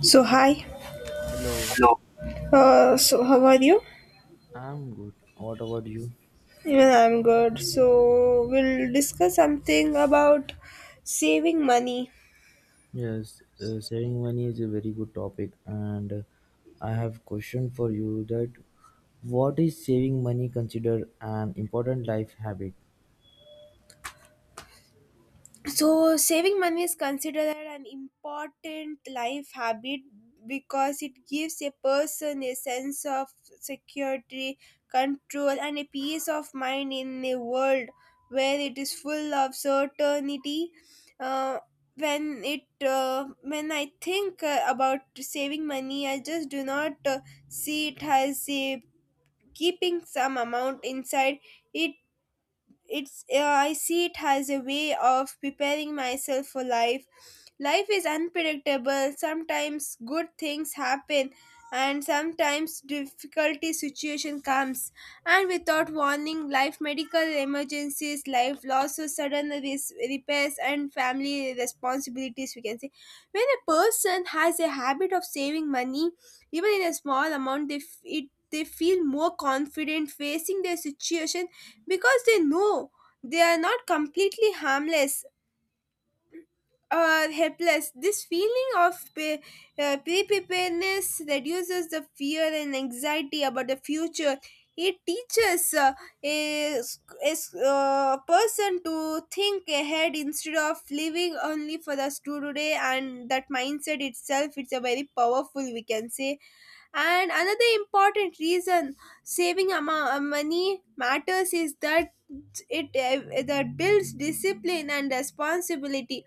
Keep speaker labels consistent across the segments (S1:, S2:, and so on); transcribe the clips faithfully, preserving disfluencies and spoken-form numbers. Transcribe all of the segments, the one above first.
S1: So hi.
S2: Hello.
S1: Uh, so how are you?
S2: I'm good. What about you?
S1: Even I'm good. So we'll discuss something about saving money.
S2: Yes, uh, saving money is a very good topic, and uh, I have question for you that what is saving money considered an important life habit?
S1: So, saving money is considered an important life habit because it gives a person a sense of security, control, and a peace of mind in a world where it is full of certainty. Uh, when it uh, when I think uh, about saving money, I just do not uh, see it as a keeping some amount inside. It it's uh, I see it as a way of preparing myself for life. Life is unpredictable. Sometimes good things happen and sometimes difficulty situation comes and without warning, life medical emergencies, life losses, sudden res- repairs, and family responsibilities, we can say. When a person has a habit of saving money, even in a small amount, they f- it they feel more confident facing their situation because they know they are not completely harmless or helpless. This feeling of pre preparedness reduces the fear and anxiety about the future. It teaches uh, a uh, person to think ahead instead of living only for the today, and that mindset itself it's a very powerful, we can say. And another important reason saving ama- uh, money matters is that it uh, that builds discipline and responsibility.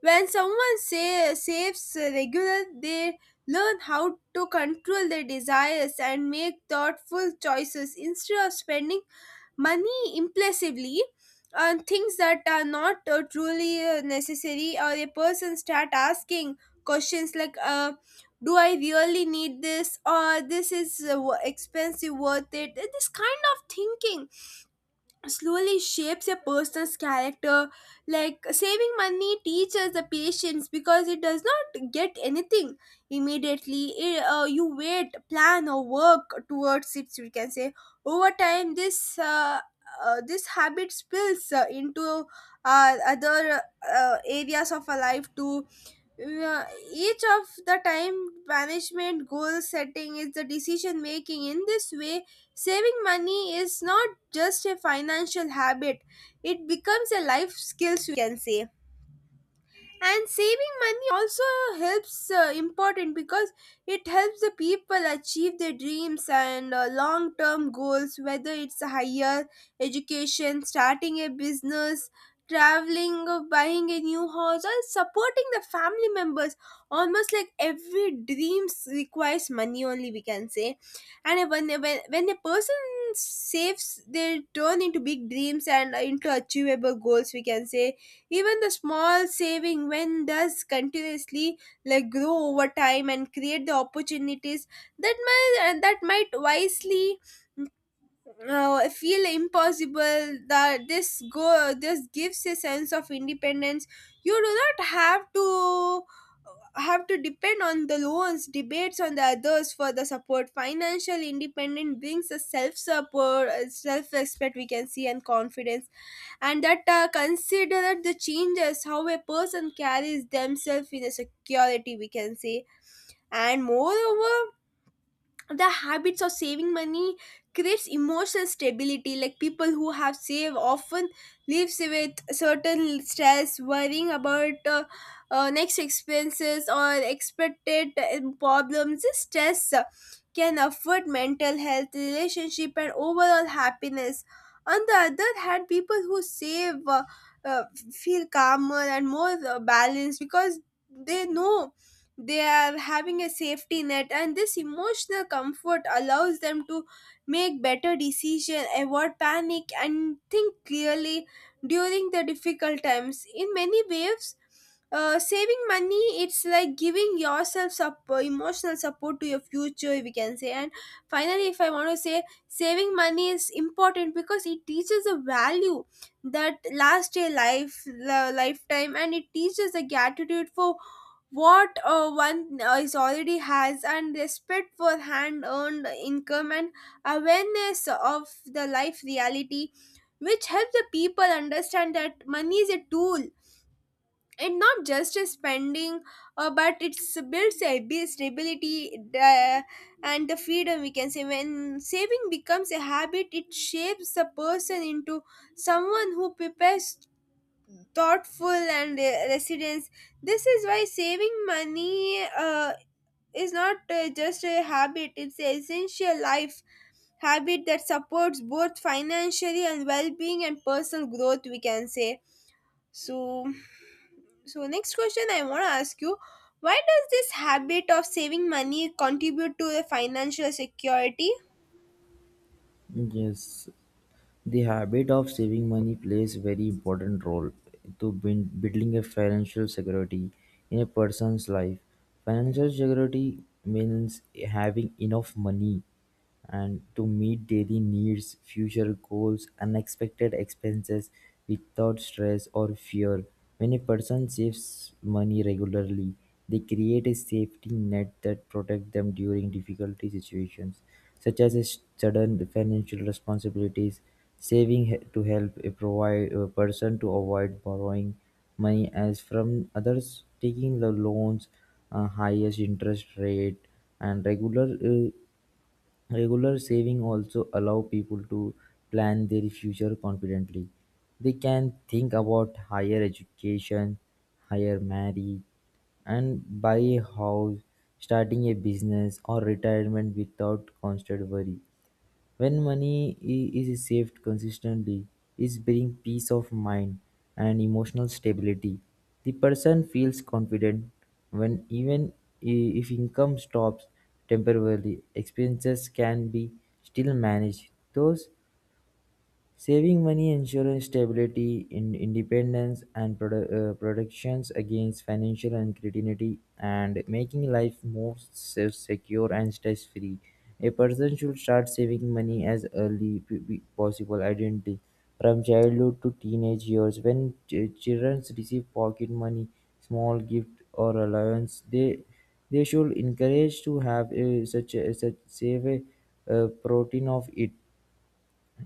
S1: When someone say, saves regular, they learn how to control their desires and make thoughtful choices instead of spending money impulsively on things that are not uh, truly uh, necessary. Or a person start asking questions like uh, do I really need this, or this is uh, wo- expensive worth it? This kind of thinking slowly shapes a person's character. Like, saving money teaches the patience because it does not get anything immediately. It, uh, you wait, plan, or work towards it, we can say. Over time, this uh, uh, this habit spills uh, into uh, other uh, areas of our life too. uh, each of the time management, goal setting is the decision making. In this way, saving money is not just a financial habit, it becomes a life skills, we can say. And saving money also helps uh, important because it helps the people achieve their dreams and uh, long term goals, whether it's a higher education, starting a business, traveling, or buying a new house, or supporting the family members. Almost like every dreams requires money only, we can say. And when when, when a person saves, they turn into big dreams and into achievable goals, we can say. Even the small saving, when does continuously, like grow over time and create the opportunities that might uh, that might wisely uh, feel impossible. That this go this gives a sense of independence. You do not have to uh, have to depend on the loans, debates on the others for the support. Financial independence brings a self support, self respect, we can see, and confidence. And that uh, considered the changes how a person carries themselves in a security, we can say. And moreover, the habits of saving money creates emotional stability. Like, people who have saved often lives with certain stress worrying about uh, uh, next expenses or expected uh, problems. This stress uh, can affect mental health, relationship, and overall happiness. On the other hand, people who save uh, uh, feel calmer and more uh, balanced because they know they are having a safety net, and this emotional comfort allows them to make better decisions, avoid panic, and think clearly during the difficult times. In many ways, uh, saving money it's like giving yourself support, emotional support to your future, we can say. And finally, if I want to say, saving money is important because it teaches a value that lasts a life la- lifetime, and it teaches a gratitude for what uh, one uh, is already has, and respect for hand earned income, and awareness of the life reality, which help the people understand that money is a tool and not just a spending. Uh, but it builds a abi- stability uh, and the freedom, we can say. When saving becomes a habit, it shapes the person into someone who prepares thoughtful and uh, resilience. This is why saving money uh, is not uh, just a habit, it's an essential life habit that supports both financially and well being and personal growth, we can say. So, so next question I want to ask you, why does this habit of saving money contribute to the financial security?
S2: Yes, the habit of saving money plays very important role to buin- building a financial security in a person's life. Financial security means having enough money and to meet daily needs, future goals, unexpected expenses without stress or fear. When a person saves money regularly, they create a safety net that protects them during difficult situations such as his sudden financial responsibilities, saving he- to help a, provide, a person to avoid borrowing money as from others, taking the loans, uh, highest interest rate, and regular uh, Regular saving also allow people to plan their future confidently. They can think about higher education, higher marriage, and buy a house, starting a business or retirement without constant worry. When money i- is saved consistently, it brings peace of mind and emotional stability. The person feels confident when even i- if income stops temporarily, expenses can be still managed. Those saving money ensures stability, in independence, and prote- uh, protections against financial uncertainty, and making life more se- secure and stress-free. A person should start saving money as early p- p- possible, identity from childhood to teenage years. When ch- children receive pocket money, small gift or allowance, they they should encourage to have a, such a, such save a, uh, protein of it.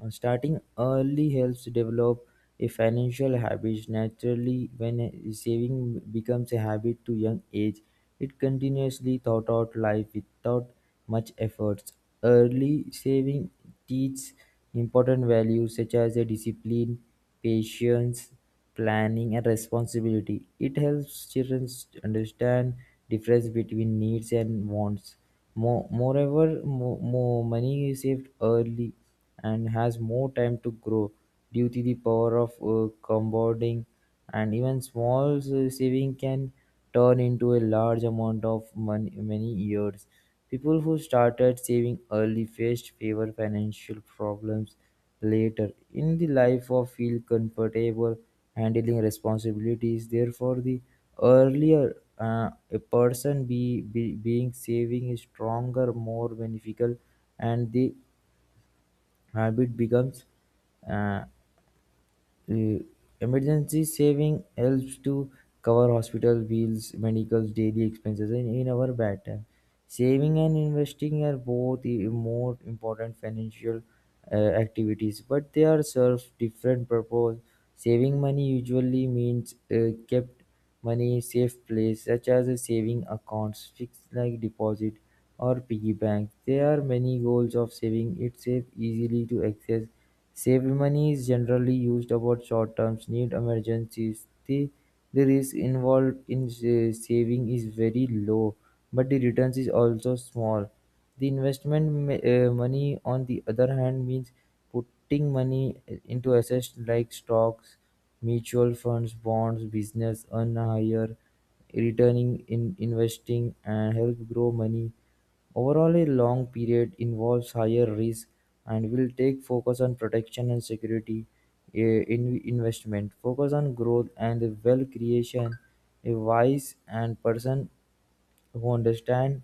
S2: uh, Starting early helps develop a financial habit naturally when a- saving becomes a habit to young age. It continuously thought out life without much efforts. Early saving teaches important values such as a discipline, patience, planning and responsibility. It helps children understand difference between needs and wants. More, moreover, more, more money is saved early and has more time to grow due to the power of uh, compounding, and even small uh, saving can turn into a large amount of money many years. People who started saving early faced fewer financial problems later in the life or feel comfortable handling responsibilities. Therefore the earlier uh, a person be be being saving is stronger, more beneficial, and the habit becomes uh, uh, emergency saving helps to cover hospital bills, medicals, daily expenses and in our bad time. Saving and investing are both i- more important financial uh, activities, but they are serve different purpose. Saving money usually means uh, kept money safe place such as a saving accounts, fixed like deposit, or piggy bank. There are many goals of saving. It's safe, easily to access. Saved money is generally used about short terms need, emergencies. The, the risk involved in sa- saving is very low, but the returns is also small. The investment ma- uh, money, on the other hand, means putting money into assets like stocks, mutual funds, bonds, business earn a higher returning in investing and help grow money overall, a long period involves higher risk and will take focus on protection and security eh, in investment, focus on growth and the wealth creation. A wise and person who understand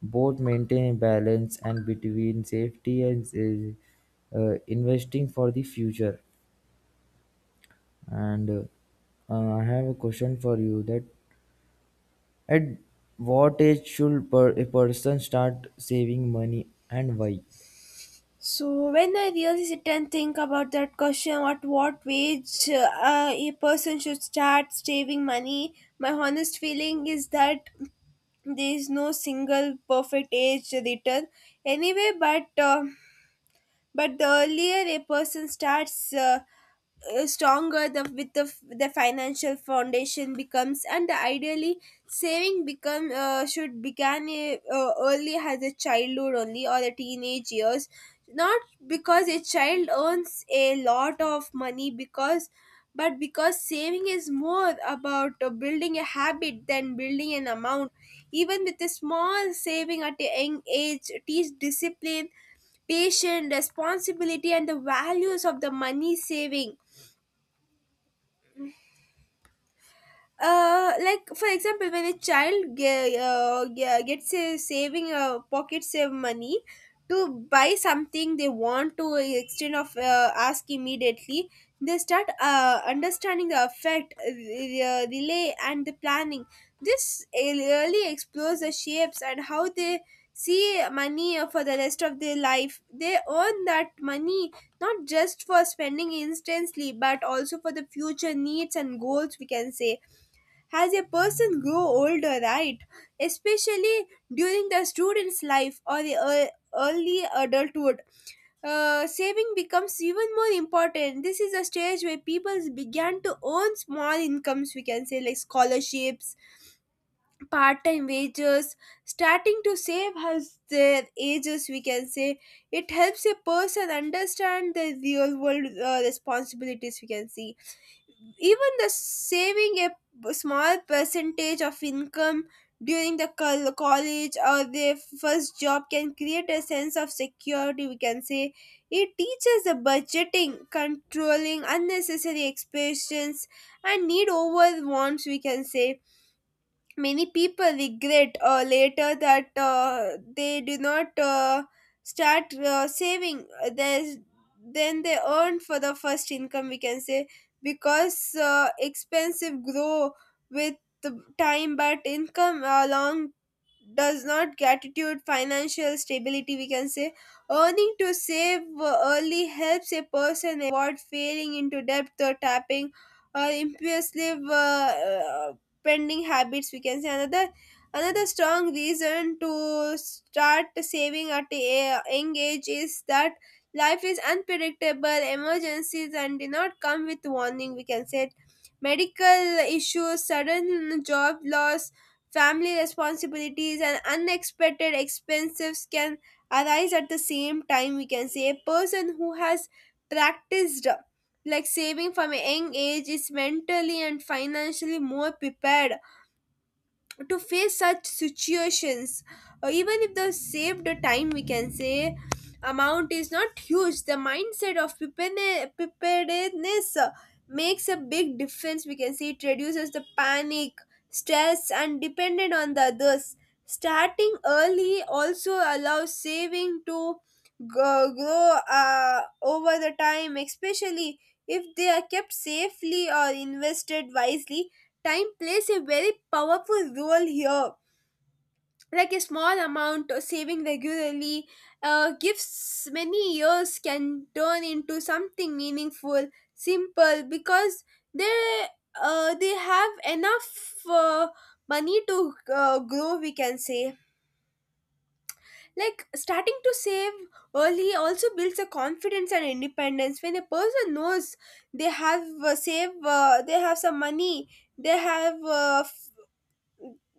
S2: both maintain balance and between safety and is, uh, investing for the future. And uh, uh, I have a question for you that at what age should per, a person start saving money and why?
S1: So when I really sit and think about that question, at what wage uh, a person should start saving money, my honest feeling is that there is no single perfect age to return anyway. But uh, but the earlier a person starts uh, uh, stronger the with the, the financial foundation becomes. And ideally, saving become uh, should begin uh, uh, early as a childhood only or the teenage years, not because a child earns a lot of money because, but because saving is more about uh, building a habit than building an amount. Even with a small saving at a young age teach discipline, patient, responsibility, and the values of the money saving. Uh like, for example, when a child ge- uh, ge- gets a saving uh, pocket save money to buy something they want, to extend of uh, ask immediately, they start uh, understanding the effect uh, the uh, relay and the planning. This really explores the shapes and how they see money for the rest of their life. They earn that money not just for spending instantly, but also for the future needs and goals, we can say. As a person grow older, right, especially during the student's life or the ear- early adulthood, uh, saving becomes even more important. This is a stage where people began to earn small incomes, we can say, like scholarships, part-time wages, starting to save as their ages, we can say. It helps a person understand the real world uh, responsibilities, we can see. Even the saving a p- small percentage of income during the col- college or their first job can create a sense of security, we can say. It teaches the budgeting, controlling unnecessary expenses, and need over wants, we can say. Many people regret uh, later that uh, they do not uh, start uh, saving there's, then they earn for the first income, we can say, because uh, expensive grow with the time, but income along does not gratitude financial stability, we can say. Earning to save uh, early helps a person avoid falling into debt or tapping or impulsive uh, spending habits, we can say. Another another strong reason to start saving at a young age is that life is unpredictable. Emergencies and do not come with warning, we can say. Medical issues, sudden job loss, family responsibilities, and unexpected expenses can arise at the same time, we can say. A person who has practiced like saving from a young age is mentally and financially more prepared to face such situations. Or even if the saved time, we can say, amount is not huge, the mindset of preparene- preparedness uh, makes a big difference, we can say. It reduces the panic, stress, and dependent on the others. Starting early also allows saving to go, grow uh, over the time, especially if they are kept safely or invested wisely. Time plays a very powerful role here. Like a small amount of saving regularly uh, gives many years can turn into something meaningful, simple because they uh, they have enough uh, money to uh, grow, we can say. Like, starting to save early also builds a confidence and independence. When a person knows they have uh, save uh, they have some money, they have uh,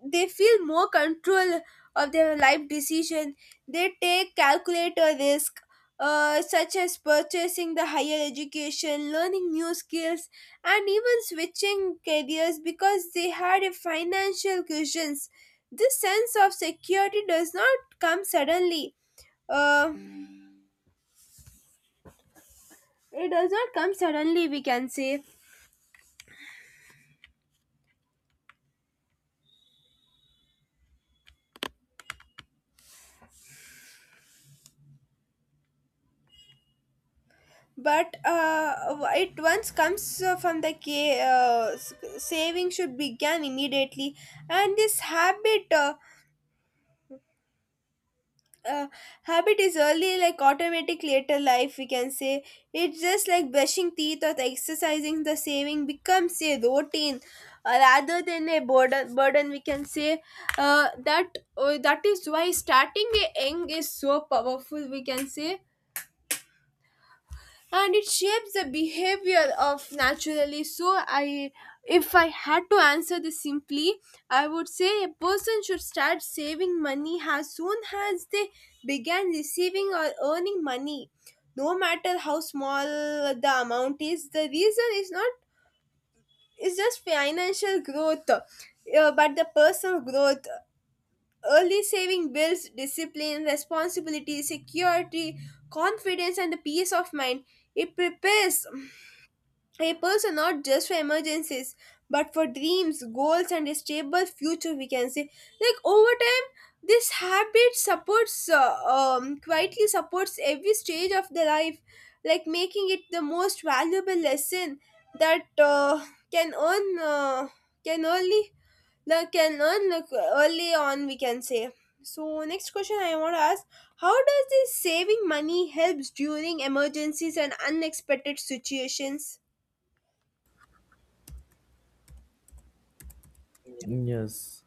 S1: they feel more control of their life decision, they take calculator risk, uh, such as purchasing the higher education, learning new skills, and even switching careers because they had a financial cushions. This sense of security does not come suddenly, uh, it does not come suddenly, we can say, but uh, it once comes uh, from the ca- uh, s- saving should begin immediately, and this habit uh, uh, habit is early like automatic later life, we can say. It's just like brushing teeth or exercising. The saving becomes a routine uh, rather than a burden burden, we can say. uh, that uh, that is why starting a young is so powerful, we can say, and it shapes the behavior of naturally. So i if i had to answer this simply, I would say a person should start saving money as soon as they began receiving or earning money, no matter how small the amount is. The reason is not is just financial growth, uh, but the personal growth. Early saving builds discipline, responsibility, security, confidence, and the peace of mind. It prepares a person not just for emergencies, but for dreams, goals, and a stable future, we can say. Like, over time, this habit supports uh, um, quietly supports every stage of the life, like making it the most valuable lesson that uh, can earn uh, can only like can earn, like, early on, we can say. So next question I want to ask, how does this saving money helps during emergencies and unexpected situations?
S2: Yes,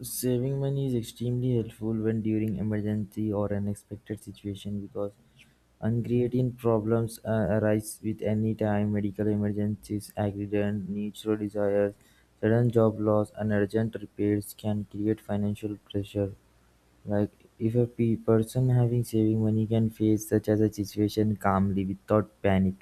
S2: saving money is extremely helpful when during emergency or unexpected situation because uncreating problems uh, arise with any time medical emergencies, accident, natural disasters, sudden job loss, and urgent repairs can create financial pressure. Like if a pe- person having saving money can face such as a situation calmly without panic.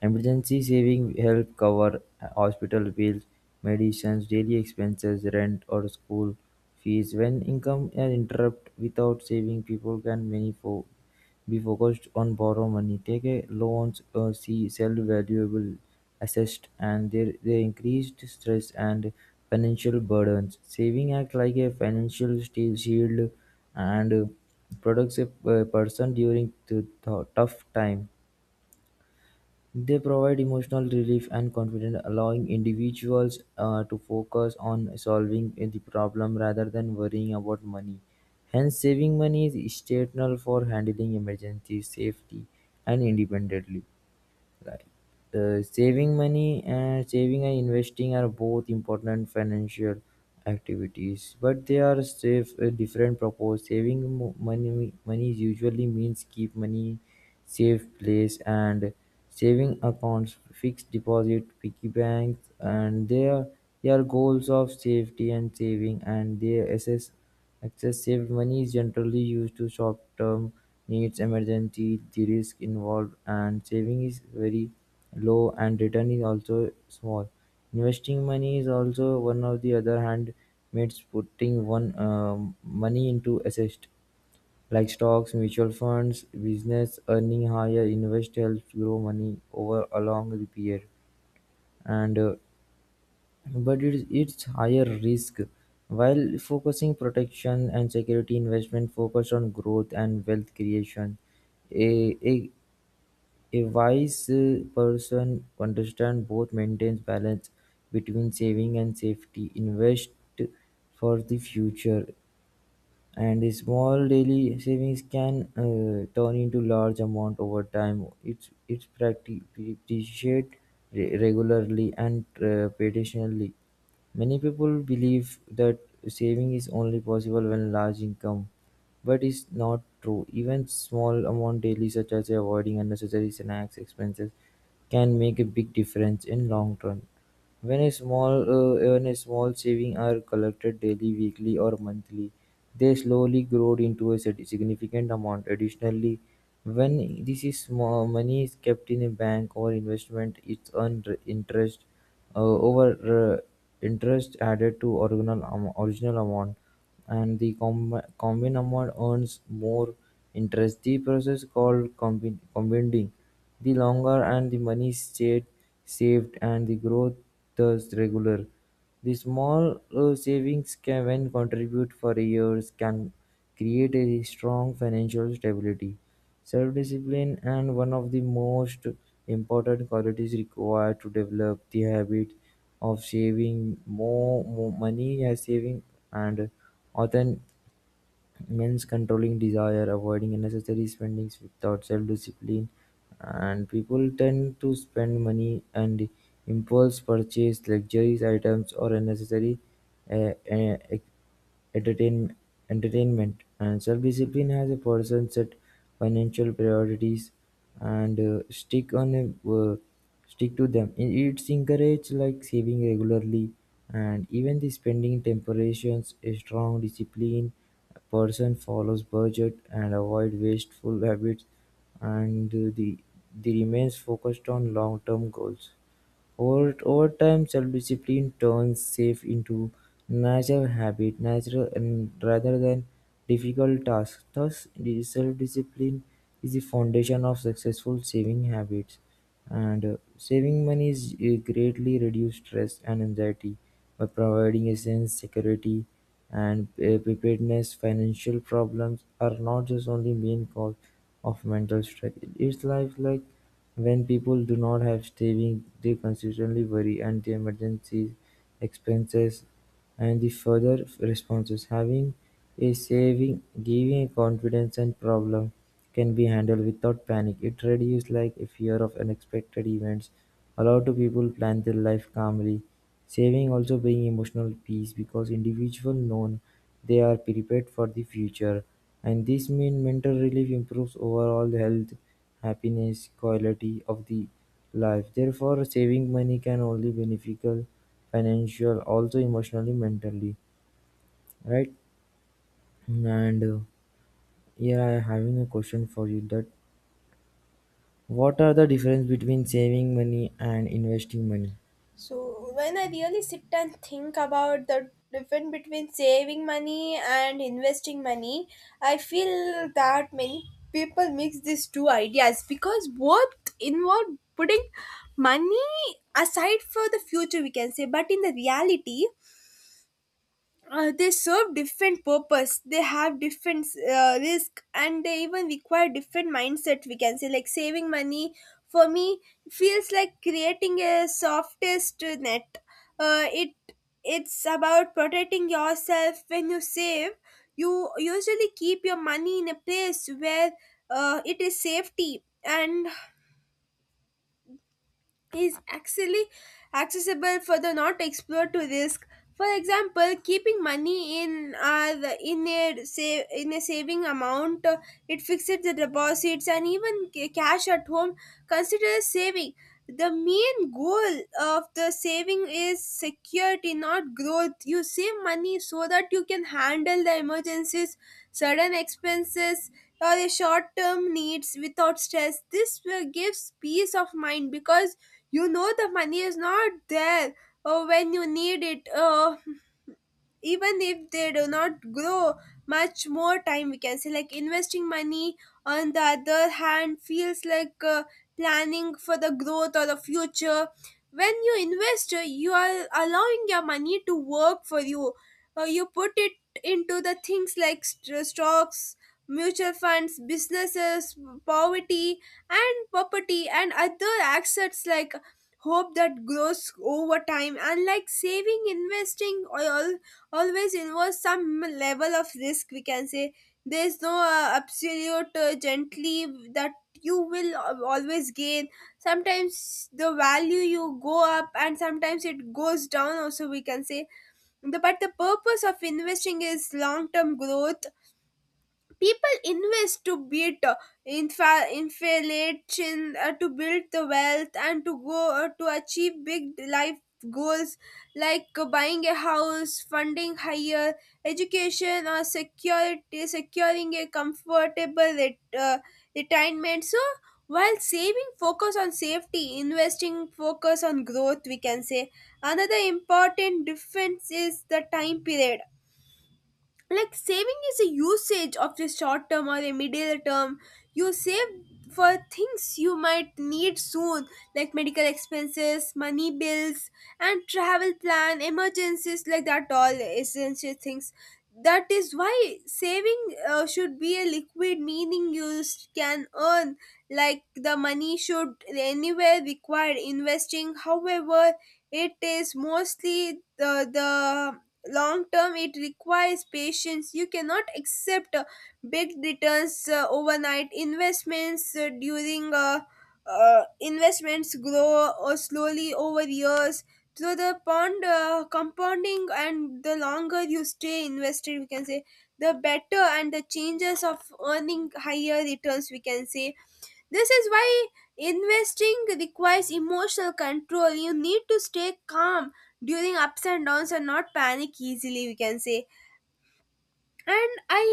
S2: Emergency saving help cover uh, hospital bills, medicines, daily expenses, rent or school fees. When income is interrupt without saving, people can many fo- be focused on borrow money, take a loans, uh, see sell valuable assets, and they they increased stress and financial burdens. Saving act like a financial steel shield, and uh, protects a uh, person during the th- tough time. They provide emotional relief and confidence, allowing individuals uh, to focus on solving the problem rather than worrying about money. Hence, saving money is essential for handling emergencies safety and independently. Right. Uh, saving money and saving and investing are both important financial activities, but they are safe a different purpose. Saving mo- money money usually means keep money safe place and saving accounts, fixed deposit, piggy banks, and their their goals of safety and saving and their assets. Excessive money is generally used to short-term needs, emergency, the risk involved and saving is very low and return is also small. Investing money is also one of the other hand means putting one um, money into assets like stocks, mutual funds, business, earning higher, invest helps grow money over a long period. And uh, but it's it's higher risk. While focusing protection and security investment focus on growth and wealth creation, a, a, a wise uh, person understand both maintains balance between saving and safety, invest for the future, and the small daily savings can uh, turn into large amount over time. It's it's practi- appreciate re- regularly and uh, patiently. Many people believe that saving is only possible when large income, but it's not true. Even small amount daily such as avoiding unnecessary snacks expenses can make a big difference in long run. When a small uh, when a small saving are collected daily, weekly or monthly, they slowly grow into a sig- significant amount. Additionally, when this is small money is kept in a bank or investment, it's earned interest, uh, over uh, interest added to original am- original amount, and the com- combined amount earns more interest. The process called combi- compounding. The longer and the money stayed saved and the growth thus regular. The small uh, savings can when contribute for years can create a strong financial stability, self-discipline and one of the most important qualities required to develop the habit of saving more, more money as saving and often means controlling desire, avoiding unnecessary spendings without self discipline, and people tend to spend money and impulse purchase luxurious items or unnecessary uh, uh, Entertain, entertainment, and self-discipline has a person set financial priorities and uh, stick on a, uh, stick to them. It It's encouraged like saving regularly and even the spending temperations. A strong discipline person follows budget and avoid wasteful habits and uh, the, the remains focused on long-term goals. Over over time, self-discipline turns safe into natural habit natural and rather than difficult tasks. Thus, the self-discipline is the foundation of successful saving habits. And uh, saving money is uh, greatly reduce stress and anxiety by providing a sense security and uh, preparedness. Financial problems are not just only main cause of mental stress. It's life like when people do not have savings they constantly worry and the emergency expenses and the further responses. Having a saving giving a confidence and problem can be handled without panic. It reduces like a fear of unexpected events, allow to people plan their life calmly. Saving also bring emotional peace because individual known they are prepared for the future, and this mean mental relief improves overall health, happiness, quality of the life. Therefore, saving money can only beneficial financial, also emotionally, mentally, right? And uh, yeah, I having a question for you that what are the difference between saving money and investing money?
S1: So when I really sit and think about the difference between saving money and investing money, I feel that many people mix these two ideas because both involve putting money aside for the future, we can say, but in the reality, uh, they serve different purpose, they have different uh, risk, and they even require different mindset, we can say. Like saving money, for me, feels like creating a softest net. Uh, it it's about protecting yourself. When you save, you usually keep your money in a place where uh, it is safety and is actually accessible for the not explored to risk. For example, keeping money in uh, the- in a save, in a saving amount, uh, it fixes the deposits, and even ca- cash at home considers saving. The main goal of the saving is security, not growth. You save money so that you can handle the emergencies, sudden expenses, or the short term needs without stress. This will gives peace of mind because you know the money is not there uh, when you need it. Uh, even if they do not grow much more time, we can say. Like investing money, on the other hand, feels like uh, planning for the growth or the future. When you invest, uh, you are allowing your money to work for you. Uh, you put it into the things like st- uh, stocks, mutual funds, businesses, poverty and property, and other assets, like hope that grows over time. Unlike saving, investing or all always involves some level of risk, we can say. There's no uh, absolute uh, gently that you will al- always gain. Sometimes the value you go up, and sometimes it goes down also, we can say. The, but the purpose of investing is long term growth. People invest to beat uh, infa- inflation, uh, to build the wealth, and to go uh, to achieve big life goals, like uh, buying a house, funding higher education, or security securing a comfortable ret- uh, retirement. So while saving focus on safety, investing focus on growth, we can say. Another important difference is the time period. Like saving is a usage of the short term or the middle term. You save for things you might need soon, like medical expenses, money bills, and travel plan emergencies, like that all essential things. That is why saving uh, should be a liquid, meaning you s- can earn, like the money should anywhere required. Investing, however, it is mostly the the long term. It requires patience. You cannot accept uh, big returns uh, overnight. Investments, uh, during uh, uh, investments grow or slowly over years through the pond uh, compounding, and the longer you stay invested, we can say, the better and the chances of earning higher returns, we can say. This is why investing requires emotional control. You need to stay calm during ups and downs and not panic easily, we can say. and i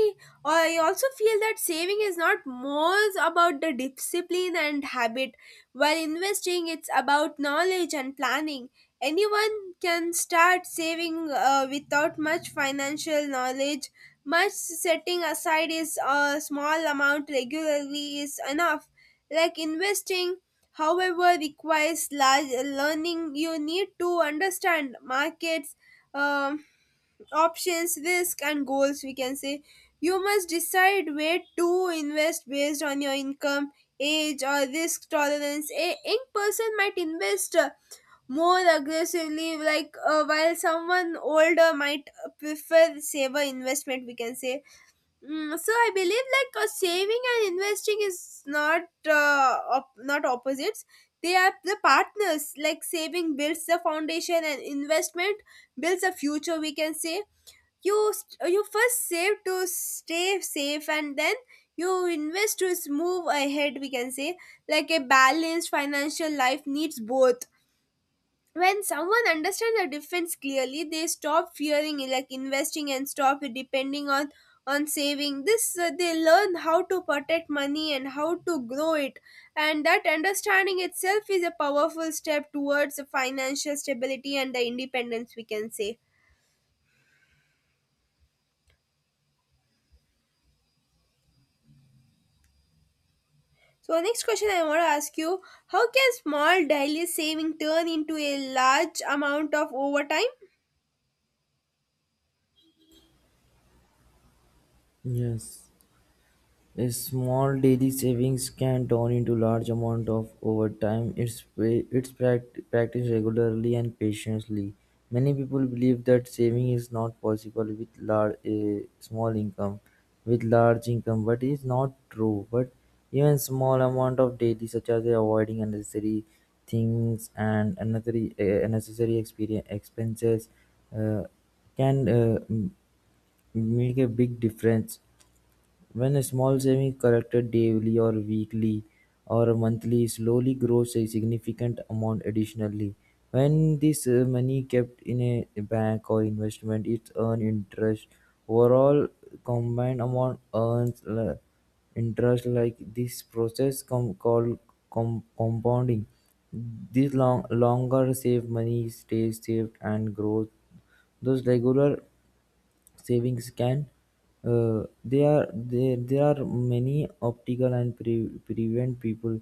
S1: i also feel that saving is not more about the discipline and habit, while investing it's about knowledge and planning. Anyone can start saving uh, without much financial knowledge. Much setting aside is a small amount regularly is enough. Like investing, however, requires large learning. You need to understand markets, um, options, risk, and goals, we can say. You must decide where to invest based on your income, age, or risk tolerance. A young person might invest uh, more aggressively, like, uh, while someone older might uh, prefer saver investment, we can say. Mm, so I believe, like, uh, saving and investing is not uh, op- not opposites. They are the partners. Like saving builds the foundation, and investment builds a future, we can say. You st- uh, you first save to stay safe, and then you invest to s- move ahead, we can say. Like a balanced financial life needs both. When someone understands the difference clearly, they stop fearing like investing and stop depending on on saving. This uh, they learn how to protect money and how to grow it, and that understanding itself is a powerful step towards financial stability and the independence, we can say. So, our next question I want to ask you, how can small daily saving turn into a large amount of overtime?
S2: Yes. A small daily savings can turn into large amount of over time. It's pa- it's prac- Practiced regularly and patiently. Many people believe that saving is not possible with large a small income, with large income, but it's not true. But even small amount of daily, such as avoiding unnecessary things and unnecessary uh, unnecessary experience expenses, uh, can uh, m- make a big difference when a small saving collected daily or weekly or monthly slowly grows a significant amount additionally. When this uh, money kept in a bank or investment, it earns interest. Overall, combined amount earns uh, interest like this process com- called com- compounding. This long- longer saved money stays saved and grows. Those regular savings can. Uh, there are there, there are many optical and pre- prevent people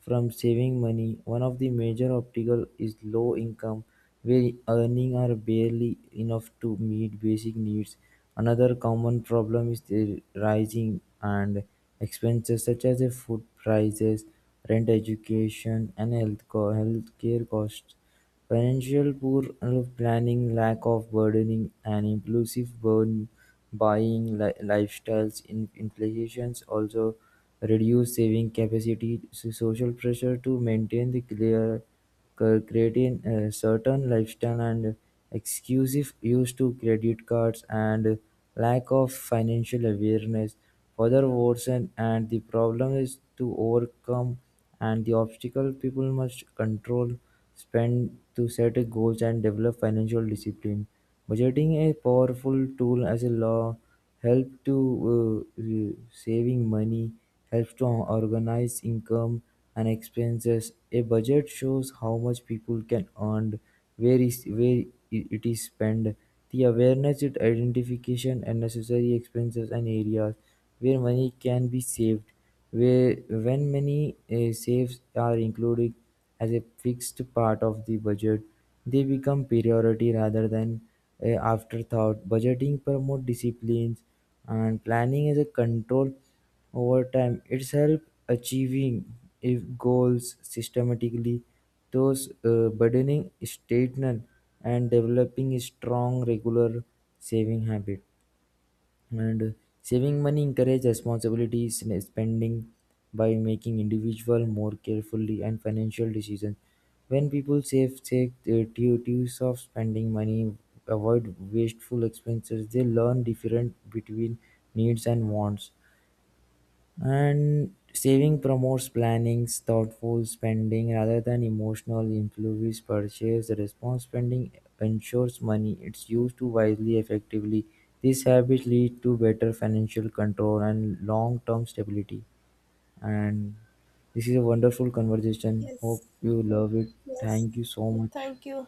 S2: from saving money. One of the major optical is low income, where earning are barely enough to meet basic needs. Another common problem is the rising and expenses such as the food prices, rent, education, and health co- healthcare costs. Financial poor planning, lack of burdening and impulsive burn buying lifestyle inflations also reduce saving capacity. So social pressure to maintain the clear cur- creating a certain lifestyle and exclusive use to credit cards and lack of financial awareness further worsen and the problem is to overcome and the obstacle people must control spend to set a goals and develop financial discipline. Budgeting a powerful tool as a law help to uh, uh, saving money, helps to organize income and expenses. A budget shows how much people can earn, where is where i- it is spent. The awareness, it identification and necessary expenses and areas where money can be saved where when many uh, saves are included as a fixed part of the budget, they become priority rather than a afterthought. Budgeting promotes disciplines and planning as a control over time. It's help achieving if goals systematically. Those uh, burdening statement and developing a strong regular saving habit. And saving money encourages responsibility sn- spending by making individual more carefully and financial decisions. When people save, take the duties of spending money, avoid wasteful expenses, they learn different between needs and wants. And saving promotes planning, thoughtful spending rather than emotional impulsive purchase. The response spending ensures money it's used to wisely, effectively. These habits lead to better financial control and long-term stability. And this is a wonderful conversation.
S1: Yes,
S2: Hope you love it.
S1: yes.
S2: Thank you so much.
S1: Thank you.